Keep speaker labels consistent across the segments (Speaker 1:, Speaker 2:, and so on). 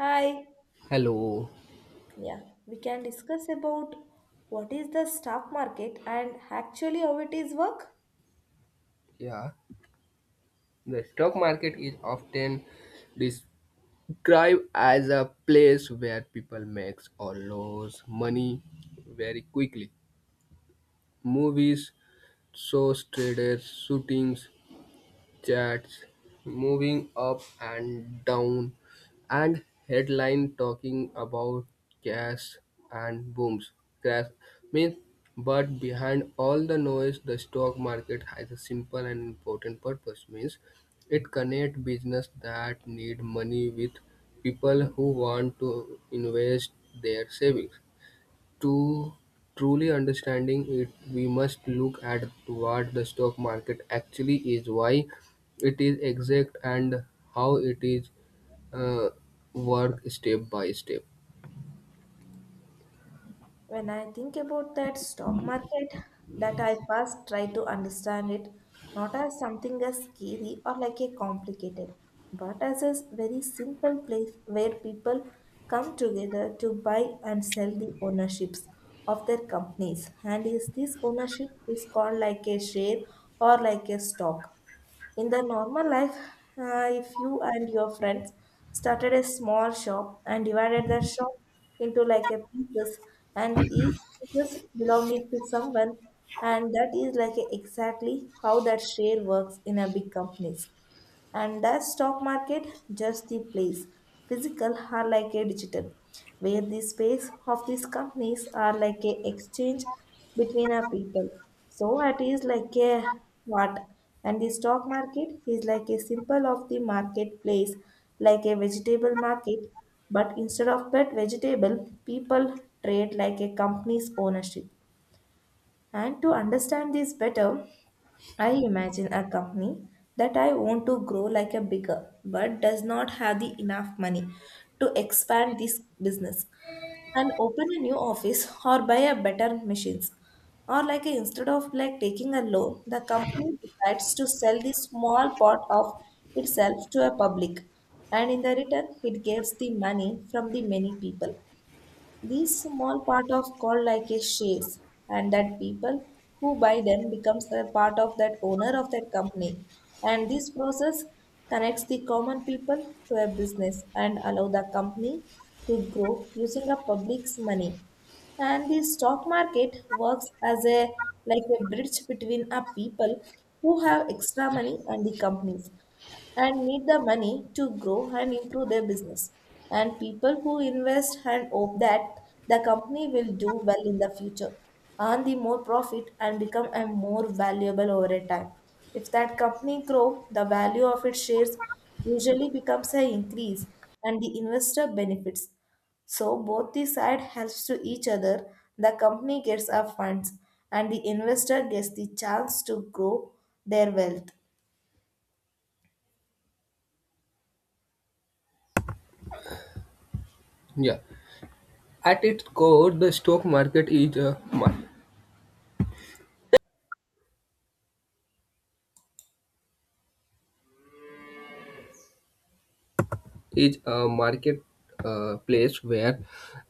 Speaker 1: Hi.
Speaker 2: Hello.
Speaker 1: Yeah, we can discuss about what is the stock market and actually how it is work.
Speaker 2: Yeah. The stock market is often described as a place where people make or lose money very quickly. Movies, shows, traders, shootings, chats moving up and down, and headline talking about gas and booms. Crash means, but behind all the noise, the stock market has a simple and important purpose. Means, it connects business that need money with people who want to invest their savings. To truly understanding it, we must look at what the stock market actually is, why it is exact, and how it is uh, work step by step.
Speaker 1: When I think about that stock market, that I first try to understand it not as something as scary or like a complicated, but as a very simple place where people come together to buy and sell the ownerships of their companies. And is this ownership is called like a share or like a stock. In the normal life, if you and your friends started a small shop and divided the shop into like a pieces and each pieces belonging to someone, and that is exactly how that share works in a big companies. And that stock market just the place, physical are like a digital, where the space of these companies are like a exchange between our people, so it is like a what. And the stock market is like a symbol of the marketplace, like a vegetable market, but instead of that vegetable people trade like a company's ownership. And to understand this better, I imagine a company that I want to grow like a bigger but does not have the enough money to expand this business and open a new office or buy a better machines, or instead of like taking a loan, the company decides to sell the small part of itself to a public, and in the return it gets the money from the many people. These small part of called like a shares, and that people who buy them becomes a part of that owner of that company. And this process connects the common people to a business and allow the company to grow using the public's money. And the stock market works as a like a bridge between a people who have extra money and the companies and need the money to grow and improve their business. And people who invest and hope that the company will do well in the future, earn the more profit and become a more valuable over a time. If that company grow, the value of its shares usually becomes a increase and the investor benefits. So both the side helps to each other. The company gets a funds and the investor gets the chance to grow their wealth.
Speaker 2: Yeah, at its core, the stock market is is a market place where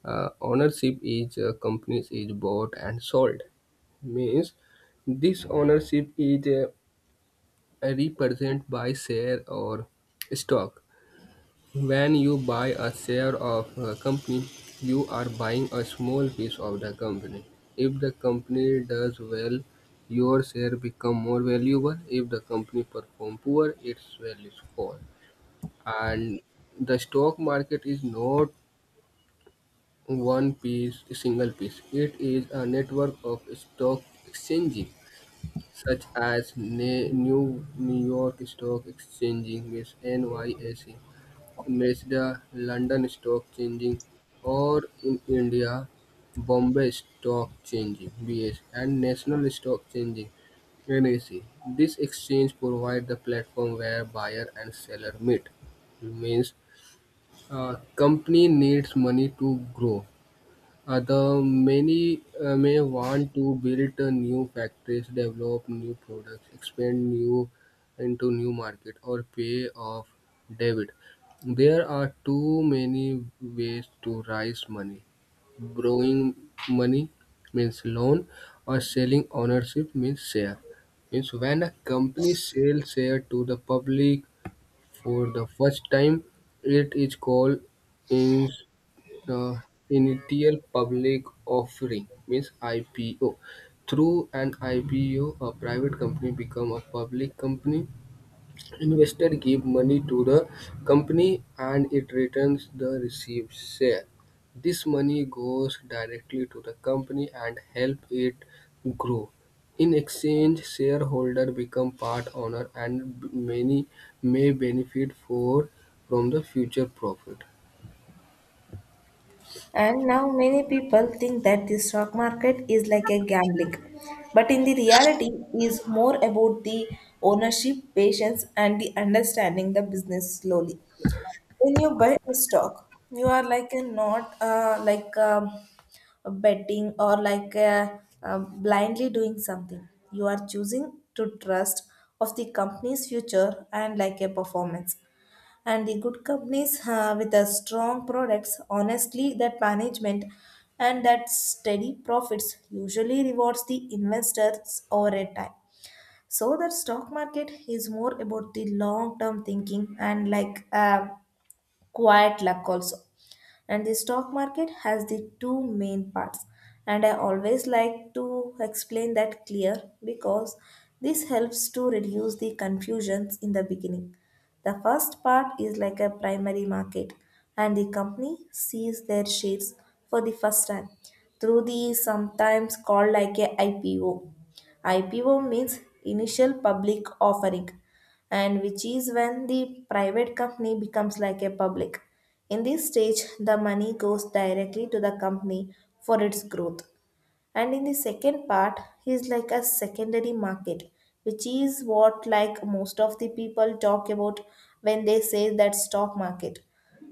Speaker 2: ownership is companies is bought and sold. Means this ownership is represented by share or stock. When you buy a share of a company, you are buying a small piece of the company. If the company does well, your share become more valuable. If the company perform poor, its value fall. And the stock market is not one piece, single piece. It is a network of stock exchanges, such as New York Stock Exchanging with NYSE Mazda, London Stock Exchange, or in India, Bombay Stock Exchange (BS) and National Stock Exchange (NSE). This exchange provides the platform where buyer and seller meet. Means, company needs money to grow, other many may want to build new factories, develop new products, expand new into new market, or pay off debt. There are too many ways to raise money. Borrowing money means loan, or selling ownership means share. Means when a company sells share to the public for the first time, it is called uh, initial public offering means IPO. Through an IPO, a private company become a public company. Investor give money to the company and it returns the received share. This money goes directly to the company and help it grow. In exchange, shareholder become part owner and many may benefit for from the future profit.
Speaker 1: And now many people think that the stock market is like a gambling, but in the reality is more about the ownership, patience, and the understanding the business slowly. When you buy a stock, you are like a not like a betting, or like a, blindly doing something. You are choosing to trust of the company's future and like a performance, and the good companies with a strong products, honestly, that management and that steady profits usually rewards the investors over a time. So the stock market is more about the long term thinking and like quiet luck also. And the stock market has the two main parts, and I always like to explain that clear, because this helps to reduce the confusions in the beginning. The first part is like a primary market, and the company sees their shares for the first time through the sometimes called like a IPO. IPO means initial public offering, and which is when the private company becomes like a public. In this stage, the money goes directly to the company for its growth. And in the second part is like a secondary market, which is what like most of the people talk about when they say that stock market.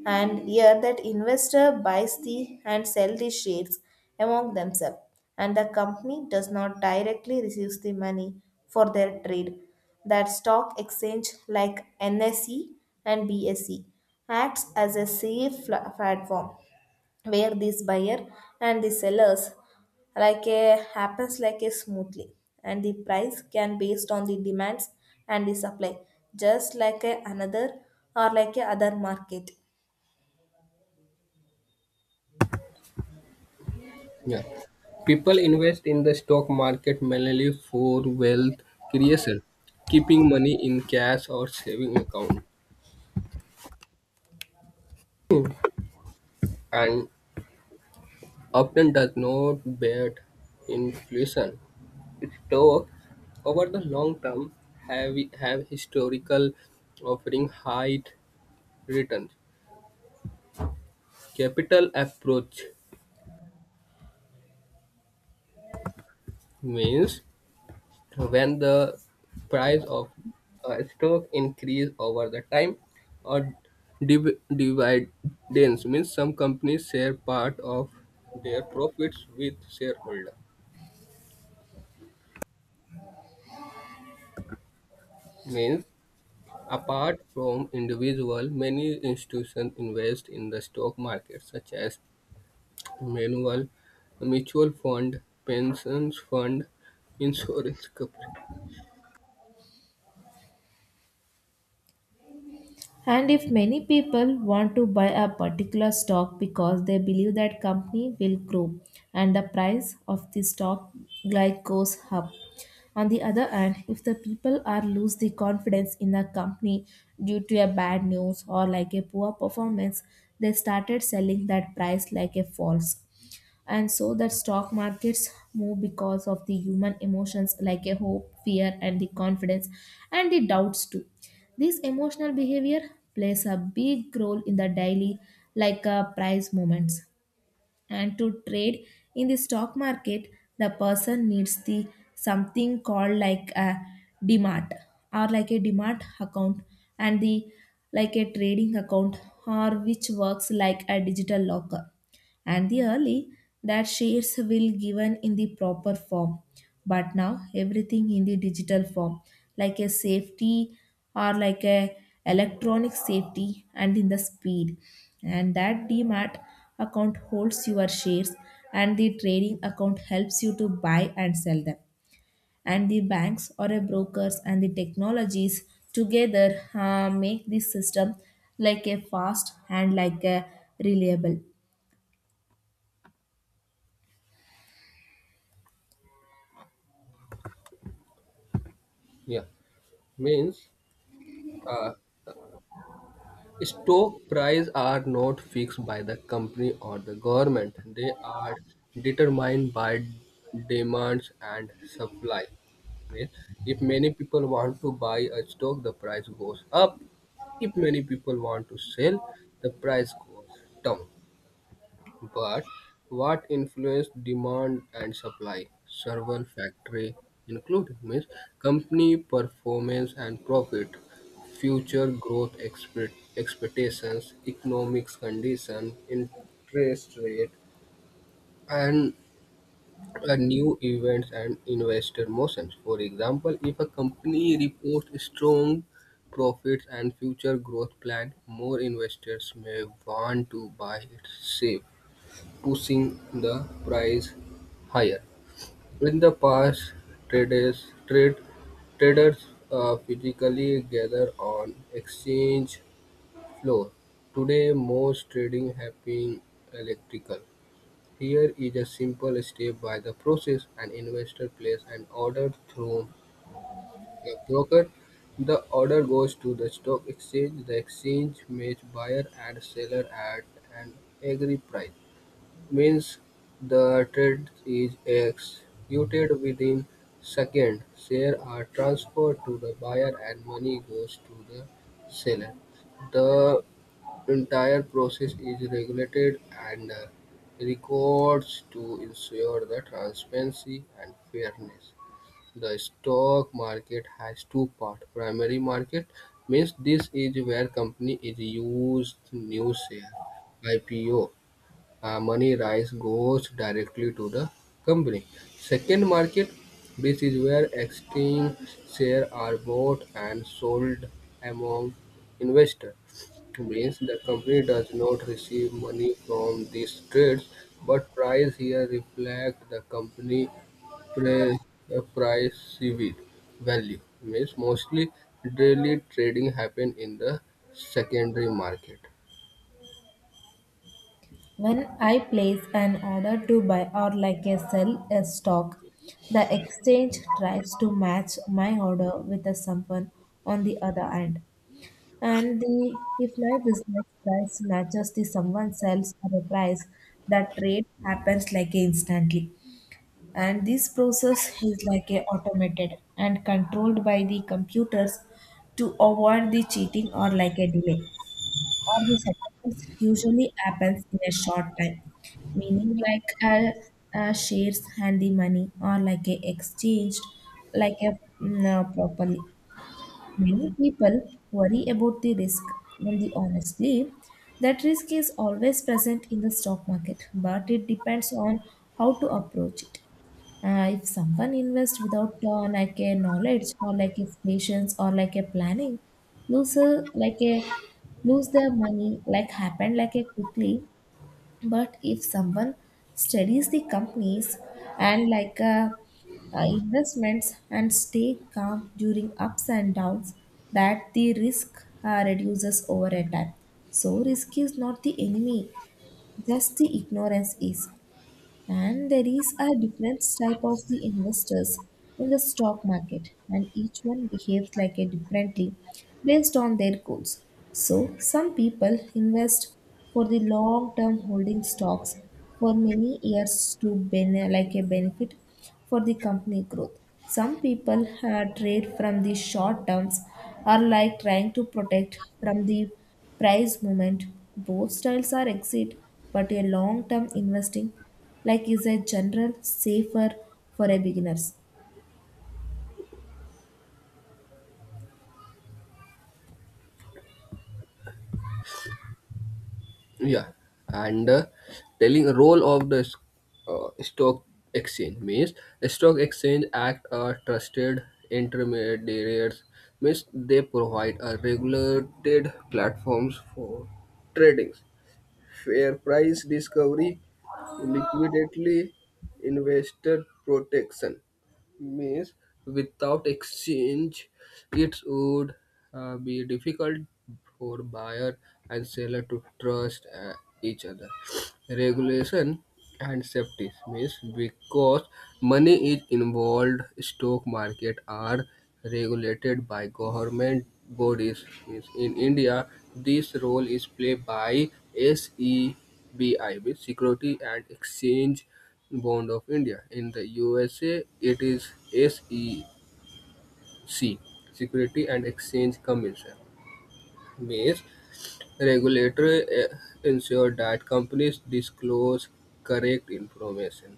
Speaker 1: And here that investor buys the and sell the shares among themselves, and the company does not directly receive the money for their trade. That stock exchange like NSE and BSE acts as a safe platform where this buyer and the sellers like a happens like a smoothly, and the price can based on the demands and the supply, just like a another or like a other market.
Speaker 2: Yeah. People invest in the stock market mainly for wealth creation, keeping money in cash or saving account, and often does not bet inflation. Stock over the long term have historical offering high returns. Capital approach means when the price of stock increase over the time or dividends means some companies share part of their profits with shareholder means apart from individual many institutions invest in the stock market such as manual mutual fund pensions fund insurance company.
Speaker 1: And if many people want to buy a particular stock because they believe that company will grow, and the price of the stock like goes up. On the other hand, if the people are lose the confidence in the company due to a bad news or like a poor performance, they started selling that price like a false. And so that stock markets move because of the human emotions, like a hope, fear, and the confidence and the doubts too. This emotional behavior plays a big role in the daily like price movements. And to trade in the stock market, the person needs the something called like a demat, or like a demat account, and the like a trading account, or which works like a digital locker. And the early that shares will given in the proper form, but now everything in the digital form, like a safety or like a electronic safety, and in the speed. And that demat account holds your shares, and the trading account helps you to buy and sell them. And the banks or a brokers and the technologies together make this system like a fast and like a reliable.
Speaker 2: Yeah. Means uh, stock prices are not fixed by the company or the government. They are determined by demands and supply. Okay? If many people want to buy a stock, the price goes up. If many people want to sell, the price goes down. But what influence demand and supply? Several factors, including means company performance and profit, future growth expectations, economics condition, interest rate, and new events and investor motions. For example, if a company reports strong profits and future growth plan, more investors may want to buy its shares pushing the price higher. In the past, traders trade traders physically gather on exchange floor. Today, most trading happens electrical. Here is a simple step by the process: an investor places an order through a broker. The order goes to the stock exchange. The exchange matches buyer and seller at an agreed price. Means the trade is executed within seconds, shares are transferred to the buyer and money goes to the seller. The entire process is regulated and records to ensure the transparency and fairness. The stock market has two parts. Primary market means this is where company is used new share IPO. Money raised goes directly to the company. Second market, this is where exchange shares are bought and sold among investors. Means the company does not receive money from these trades, but price here reflect the company price, price CV value. Means mostly daily trading happen in the secondary market.
Speaker 1: When I place an order to buy or like a sell a stock, the exchange tries to match my order with the someone on the other end. And the if my business price matches the someone sells at a price, that trade happens like instantly. And this process is like a automated and controlled by the computers to avoid the cheating or like a delay. Or the settlements usually happens in a short time, meaning a shares and the money or like a exchanged like a properly. Many people worry about the risk, and the honestly, that risk is always present in the stock market, but it depends on how to approach it. If someone invests without like a knowledge or like a patience or like a planning, like a lose their money like happened like a quickly. But if someone studies the companies and like investments and stay calm during ups and downs, that the risk reduces over a time. So risk is not the enemy, just the ignorance is. And there is a different type of the investors in the stock market, and each one behaves like a differently based on their goals. So some people invest for the long term, holding stocks for many years to like a benefit for the company growth. Some people trade from the short terms, are like trying to protect from the price movement. Both styles are exit, but a long term investing like is a general safer for a beginners.
Speaker 2: Yeah, and telling a role of the stock exchange means the stock exchange act are trusted intermediaries means they provide a regulated platforms for trading fair price discovery, liquidity, investor protection. Means without exchange, it would be difficult for buyer and seller to trust each other. Regulation and safety means because money is involved stock market are regulated by government bodies means in India this role is played by SEBI means security and exchange Board of India. In the USA it is SEC, security and exchange commission means regulatory ensure that companies disclose correct information.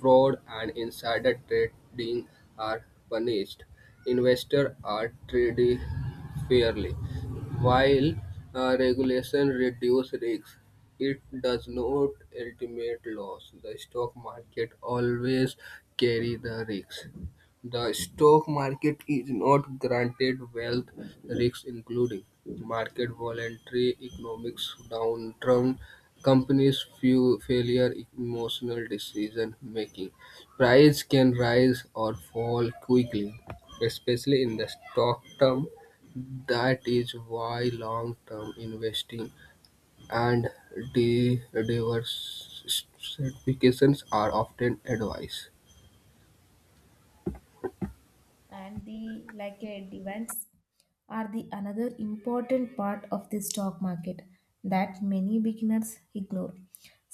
Speaker 2: Fraud and insider trading are punished. Investors are treated fairly. While regulation reduce risks, it does not eliminate loss. The stock market always carry the risks. The stock market is not granted wealth risks including market volatility, economic downturn, companies' few failure, emotional decision making. Price can rise or fall quickly, especially in the stock term. That is why long-term investing and diversifications are often advised.
Speaker 1: And the like events are the another important part of the stock market that many beginners ignore.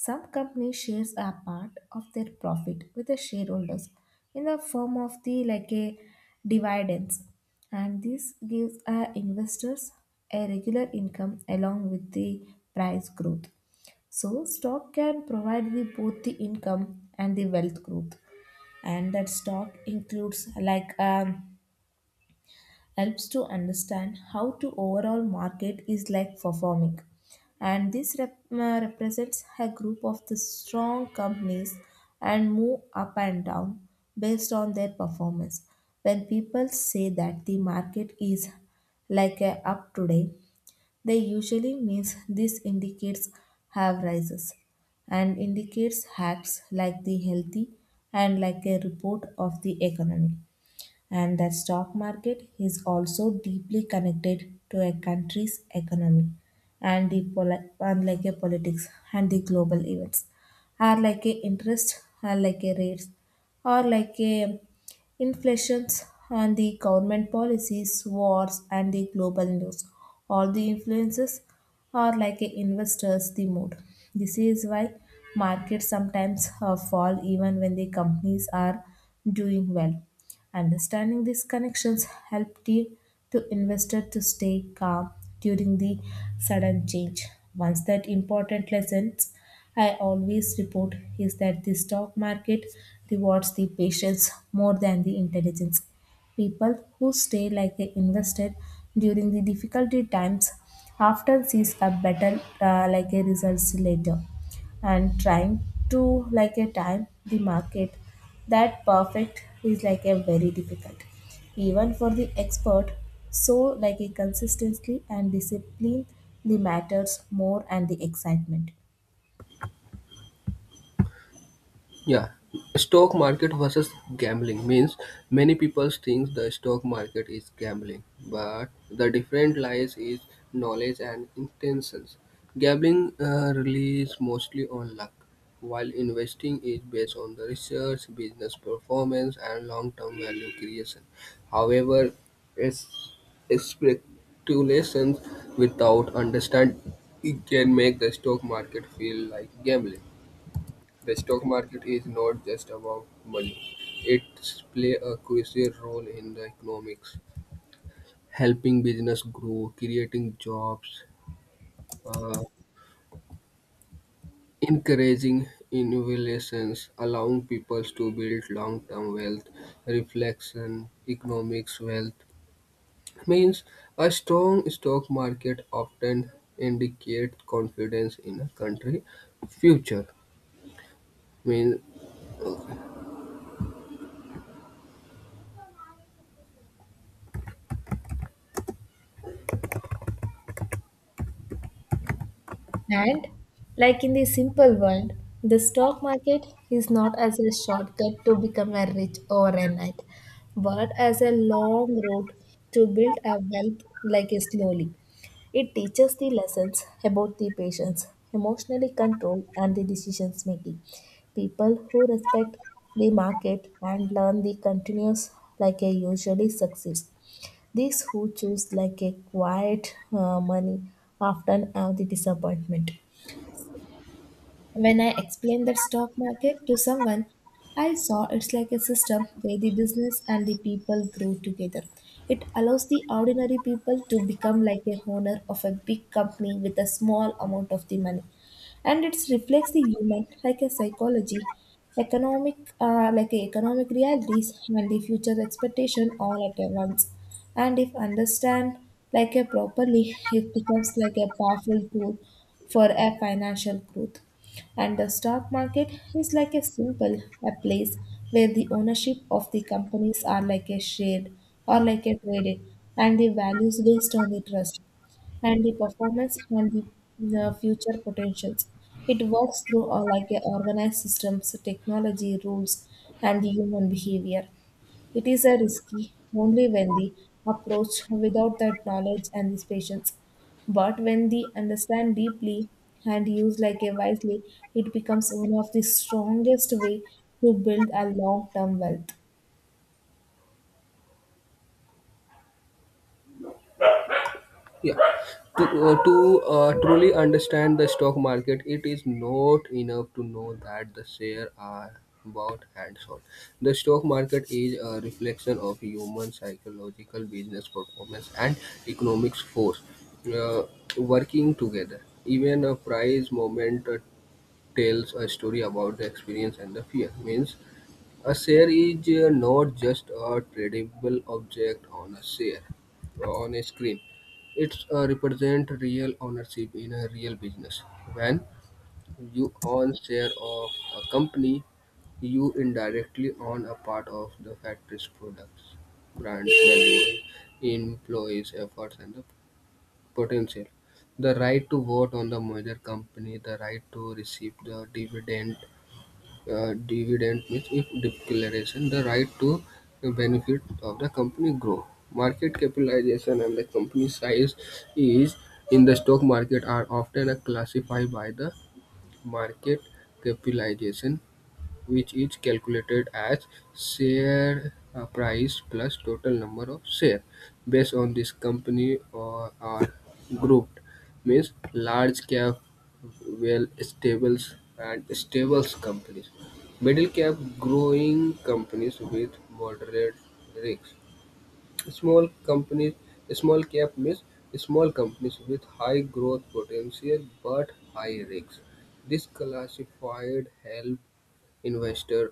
Speaker 1: Some companies shares a part of their profit with the shareholders in the form of the like a dividends, and this gives investors a regular income along with the price growth. So stock can provide the both the income and the wealth growth. And that stock includes like helps to understand how to overall market is like performing, and this represents a group of the strong companies and move up and down based on their performance. When people say that the market is like a up today, they usually means this indicates have rises and indicates hacks like the healthy and like a report of the economy. And the stock market is also deeply connected to a country's economy and the and like a politics and the global events, are like a interest are like a rates or like a inflations, and the government policies, wars, and the global news all the influences are like a investors the mood. This is why markets sometimes fall even when the companies are doing well. Understanding these connections helped the to investor to stay calm during the sudden change. Once that important lessons I always report is that the stock market rewards the patience more than the intelligence. People who stay like they invested during the difficulty times often sees a better like a results later, and trying to like a time the market that perfect is like a very difficult even for the expert. So like a consistency and discipline the matters more and the excitement.
Speaker 2: Yeah, stock market versus gambling means many people think the stock market is gambling, but the difference lies is knowledge and intentions. Gambling relies mostly on luck, while investing is based on the research, business performance, and long-term value creation. However, es- speculations without understanding can make the stock market feel like gambling. The stock market is not just about money; it plays a crucial role in the economics, helping business grow, creating jobs, uh, encouraging innovations, allowing people to build long-term wealth. Reflection economics wealth means a strong stock market often indicates confidence in a country future. Means
Speaker 1: And like in the simple world, the stock market is not as a shortcut to become a rich overnight, but as a long road to build a wealth like a slowly. It teaches the lessons about the patience, emotionally control, and the decisions making. People who respect the market and learn the continuous like a usually succeeds. These who choose like a quiet money often have the disappointment. When I explained the stock market to someone, I saw it's like a system where the business and the people grow together. It allows the ordinary people to become like a owner of a big company with a small amount of the money. And it reflects the human like a psychology, economic like a economic realities and the future expectation all at once. And if understand like a properly, it becomes like a powerful tool for a financial growth. And the stock market is like a simple a place where the ownership of the companies are like a shared or like a traded and the values based on the trust and the performance and the future potentials. It works through like a organized systems, technology, rules, and the human behavior. It is a risky only when the approach without that knowledge and this patience. But when they understand deeply and use like a wisely, it becomes one of the strongest way to build a long-term wealth.
Speaker 2: yeah. Right. To truly understand the stock market, it is not enough to know that the shares are bought and sold. The stock market is a reflection of human psychological business performance and economics force uh, working together. Even a price moment tells a story about the experience and the fear. Means a share is not just a tradable object on a screen. It represents real ownership in a real business. When you own share of a company, you indirectly own a part of the factory's products, brand value, employees' efforts, and the potential. The right to vote on the merger company, the right to receive the dividend means if declaration the right to benefit of the company grow market capitalization and the company size is in the stock market are often classified by the market capitalization which is calculated as share price plus total number of share based on this company or are grouped means large cap well stables and stables companies middle cap growing companies with moderate risk small companies small cap means small companies with high growth potential but high risk this classified help investor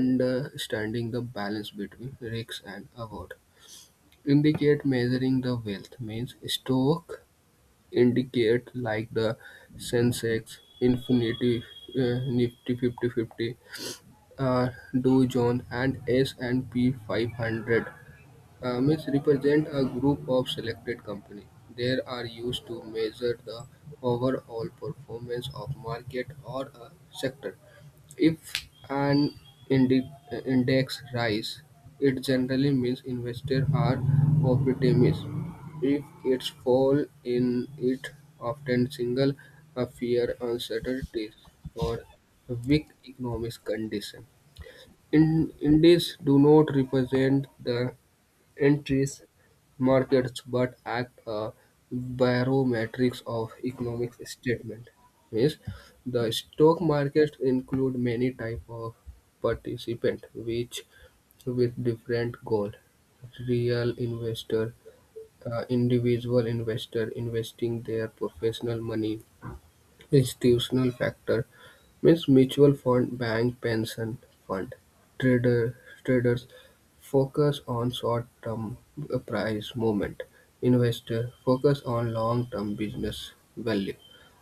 Speaker 2: understanding the balance between risk and reward. Indicate measuring the wealth means stock indicate like the Sensex, Infinity, Nifty 50, 50, uh, Dow Jones and S&P 500 mix represent a group of selected company. They are used to measure the overall performance of market or a sector. If an index rise, it generally means investors are optimistic. If it fall in it often single a fear uncertainties or weak economic condition. In indices do not represent the entries, markets, but act a barometrics of economic statement. Means the stock markets include many type of participant, which with different goal. Real investor, individual investor investing their professional money. Institutional factor means mutual fund, bank, pension fund, trader, traders focus on short-term price movement. Investor focus on long-term business value.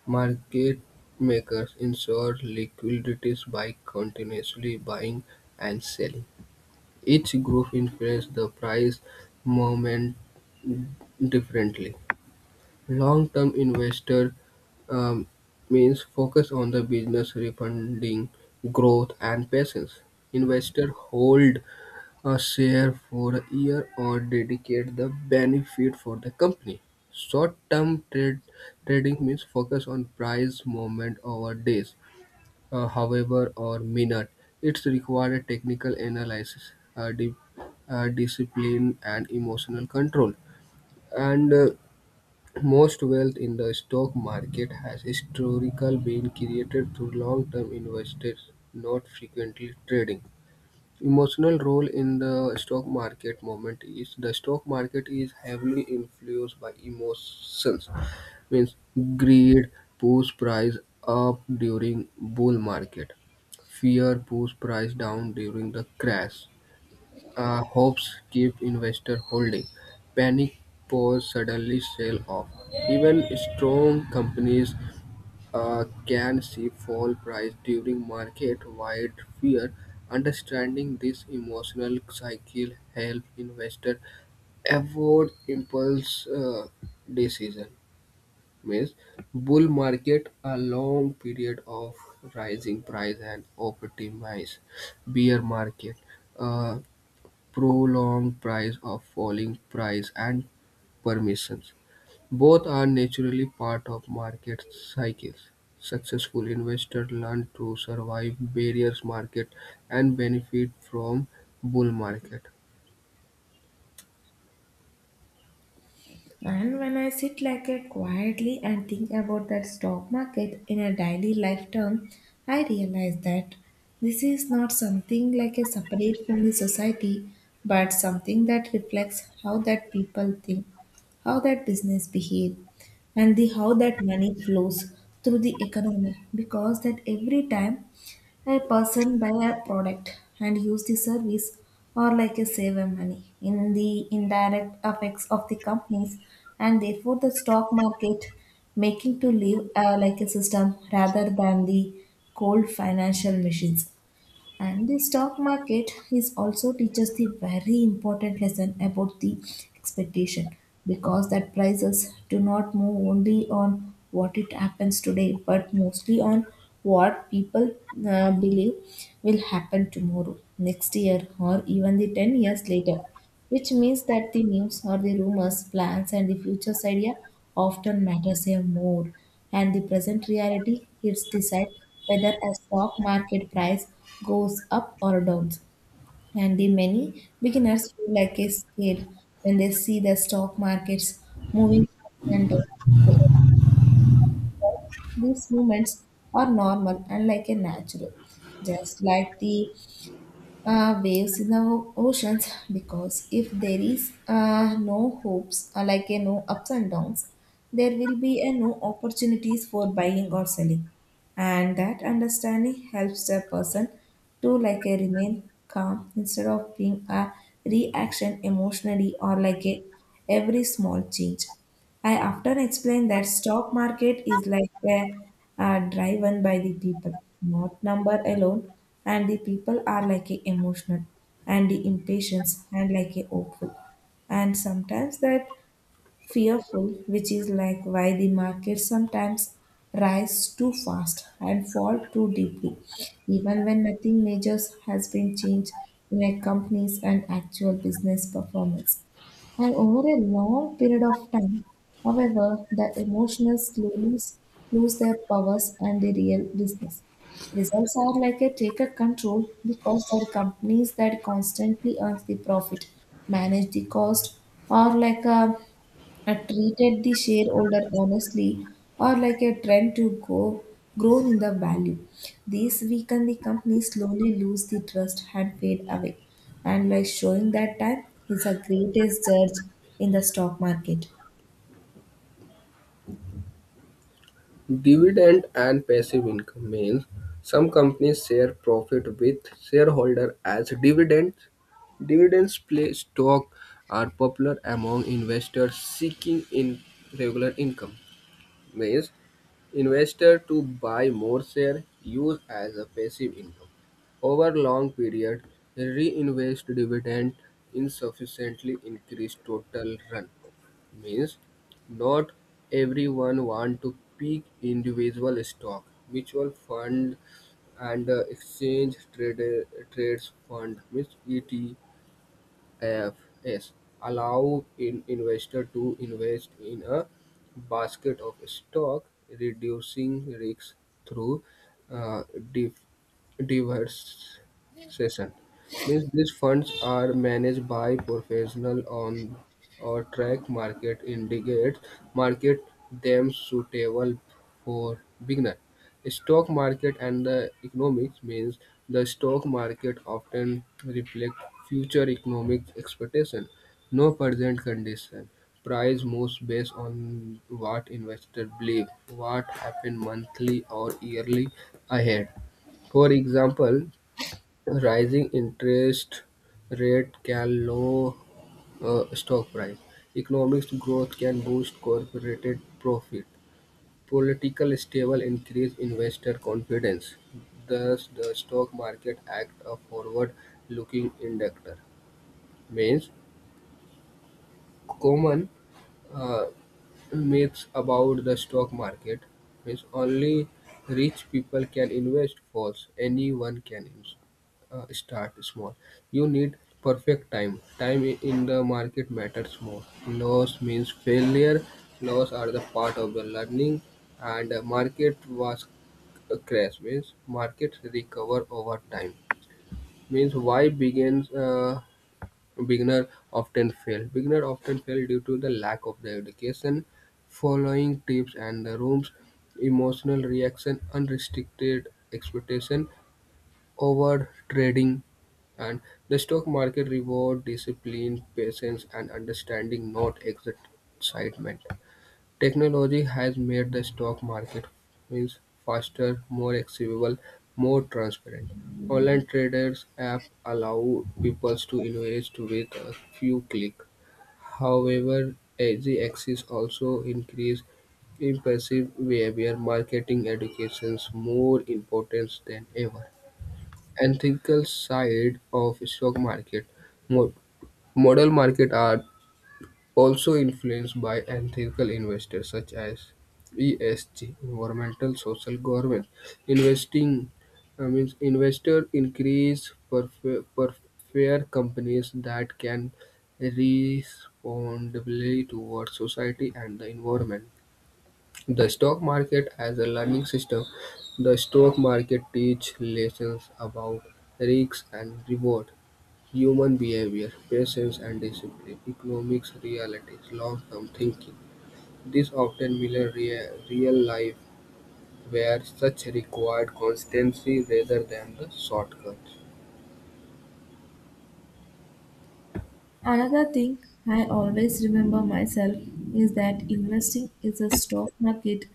Speaker 2: Market makers ensure liquidities by continuously buying and selling. Each group influences the price movement differently. Long-term investor um, means focus on the business refunding growth and patience. Investor hold a share for a year or dedicate the benefit for the company. Short-term trade trading means focus on price movement over days, however or minute. It's require a technical analysis, discipline, and emotional control. And most wealth in the stock market has historically been created through long-term investors, not frequently trading. Emotional role in the stock market moment is the stock market is heavily influenced by emotions, means greed push price up during bull market, fear push price down during the crash, hopes keep investor holding. Panic pause suddenly sell off. Even strong companies can see fall price during market-wide fear. Understanding this emotional cycle help investor avoid impulse decision. Means bull market a long period of rising price and optimize bear market. Uh, prolonged price of falling price and permissions. Both are naturally part of market cycles. Successful investors learn to survive various markets and benefit from bull market.
Speaker 1: And when I sit like it quietly and think about that stock market in a daily life term, I realize that this is not something like a separate from the society, but something that reflects how that people think, how that business behave, and the how that money flows through the economy. Because that every time a person buy a product and use the service or like a save a money in the indirect effects of the companies, and therefore the stock market making to live like a system rather than the cold financial machines. And the stock market is also teaches the very important lesson about the expectation, because that prices do not move only on what it happens today, but mostly on what people believe will happen tomorrow, next year, or even the 10 years later, which means that the news or the rumors, plans, and the future's idea often matters a more. And the present reality helps decide whether a stock market price goes up or down. And the many beginners feel like a scared when they see the stock markets moving up and down. These movements are normal and like a natural, just like the waves in the oceans, because if there is no hopes, like a no ups and downs, there will be a no opportunities for buying or selling, and that understanding helps the person to like a remain calm instead of being a reaction emotionally or like a every small change. I often explain that stock market is like a driven by the people, not number alone, and the people are like a emotional and the impatience and like a hopeful and sometimes that fearful, which is like why the market sometimes rise too fast and fall too deeply, even when nothing major has been changed in a company's and actual business performance. And over a long period of time, however, the emotions lose their powers, and the real business. Results are like a take a control, because the companies that constantly earn the profit, manage the cost, or like a I treated the shareholder honestly or like a trend to go grown in the value. These weaken the company slowly lose the trust and fade away. And like showing that time is the greatest judge in the stock market.
Speaker 2: Dividend and passive income means some companies share profit with shareholder as dividends. Dividends play stock are popular among investors seeking in regular income. Means investor to buy more share use as a passive income. Over long period, reinvest dividend insufficiently increase total run. Means not everyone want to pick individual stock, mutual fund and exchange trades fund means ET F S allow in investor to invest in a basket of stock, reducing risks through uh, div- diversification. Means these funds are managed by professional on or track market indicates market them suitable for beginner. Stock market and the economics means the stock market often reflect future economic expectation. No present condition. Price moves based on what investors believe, what happened monthly or yearly ahead. For example, rising interest rate can lower stock price. Economic growth can boost corporate profit. Political stable increase investor confidence, thus the stock market acts a forward-looking indicator, means common uh, myths about the stock market means only rich people can invest false anyone can start small you need perfect time in the market matters more loss means failure loss are the part of the learning and market was a crash means markets recover over time means why begins Beginner often fail due to the lack of the education, following tips and the room's emotional reaction, unrestricted expectation, over trading, and the stock market reward discipline, patience, and understanding, not excitement. Technology has made the stock market means faster, more accessible, more transparent. Online traders' apps allow people to invest with a few clicks. However, easy access also increases impulsive behavior. Marketing educations more important than ever. Ethical side of stock market. Mo- Model market are also influenced by ethical investors such as ESG (environmental social governance) investing I means investor increase prefer prefer companies that can responsibly towards society and the environment. The stock market as a learning system. The stock market teach lessons about risks and reward. Human behavior, patience and discipline, economics realities, long-term thinking. This often mirror real life where such required constancy rather than the shortcuts.
Speaker 1: Another thing I always remember myself is that investing is a stock market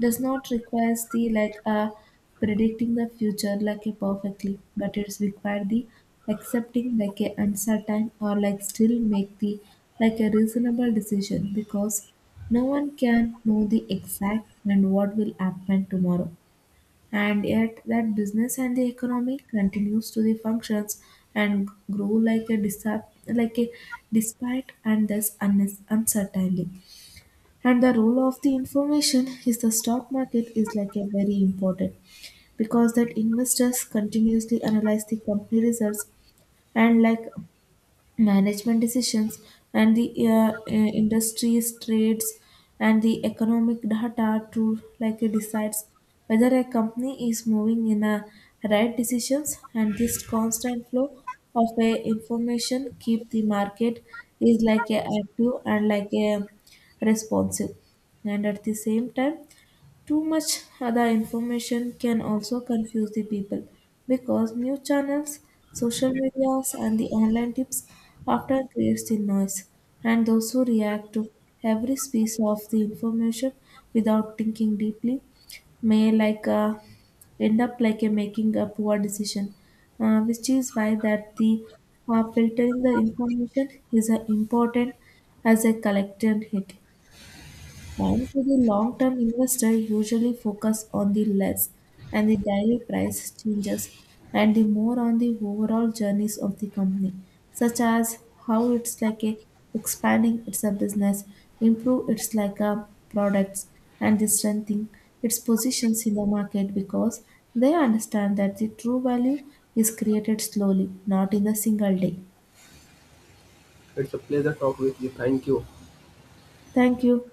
Speaker 1: does not require the like a predicting the future like a perfectly, but it's required the accepting like a uncertain or like still make the like a reasonable decision, because no one can know the exact and what will happen tomorrow, and yet that business and the economy continues to the functions and grow like a despite and thus uncertainly. And the role of the information is the stock market is like a very important, because that investors continuously analyze the company results and like management decisions and the industry's trades and the economic data to like it decides whether a company is moving in a right decisions, and this constant flow of a information keep the market is like a active and like a responsive. And at the same time, too much other information can also confuse the people, because new channels, social medias, and the online tips often creates the noise, and those who react to every piece of the information without thinking deeply may like end up like a making a poor decision, which is why that the filtering the information is important as a collective hit. And for the long-term investor usually focus on the less and the daily price changes and the more on the overall journeys of the company, such as how it's like a expanding its a business, improve its like a products and the strengthening its positions in the market, because they understand that the true value is created slowly, not in a single day.
Speaker 2: It's a pleasure talk with you. Thank you.
Speaker 1: Thank you.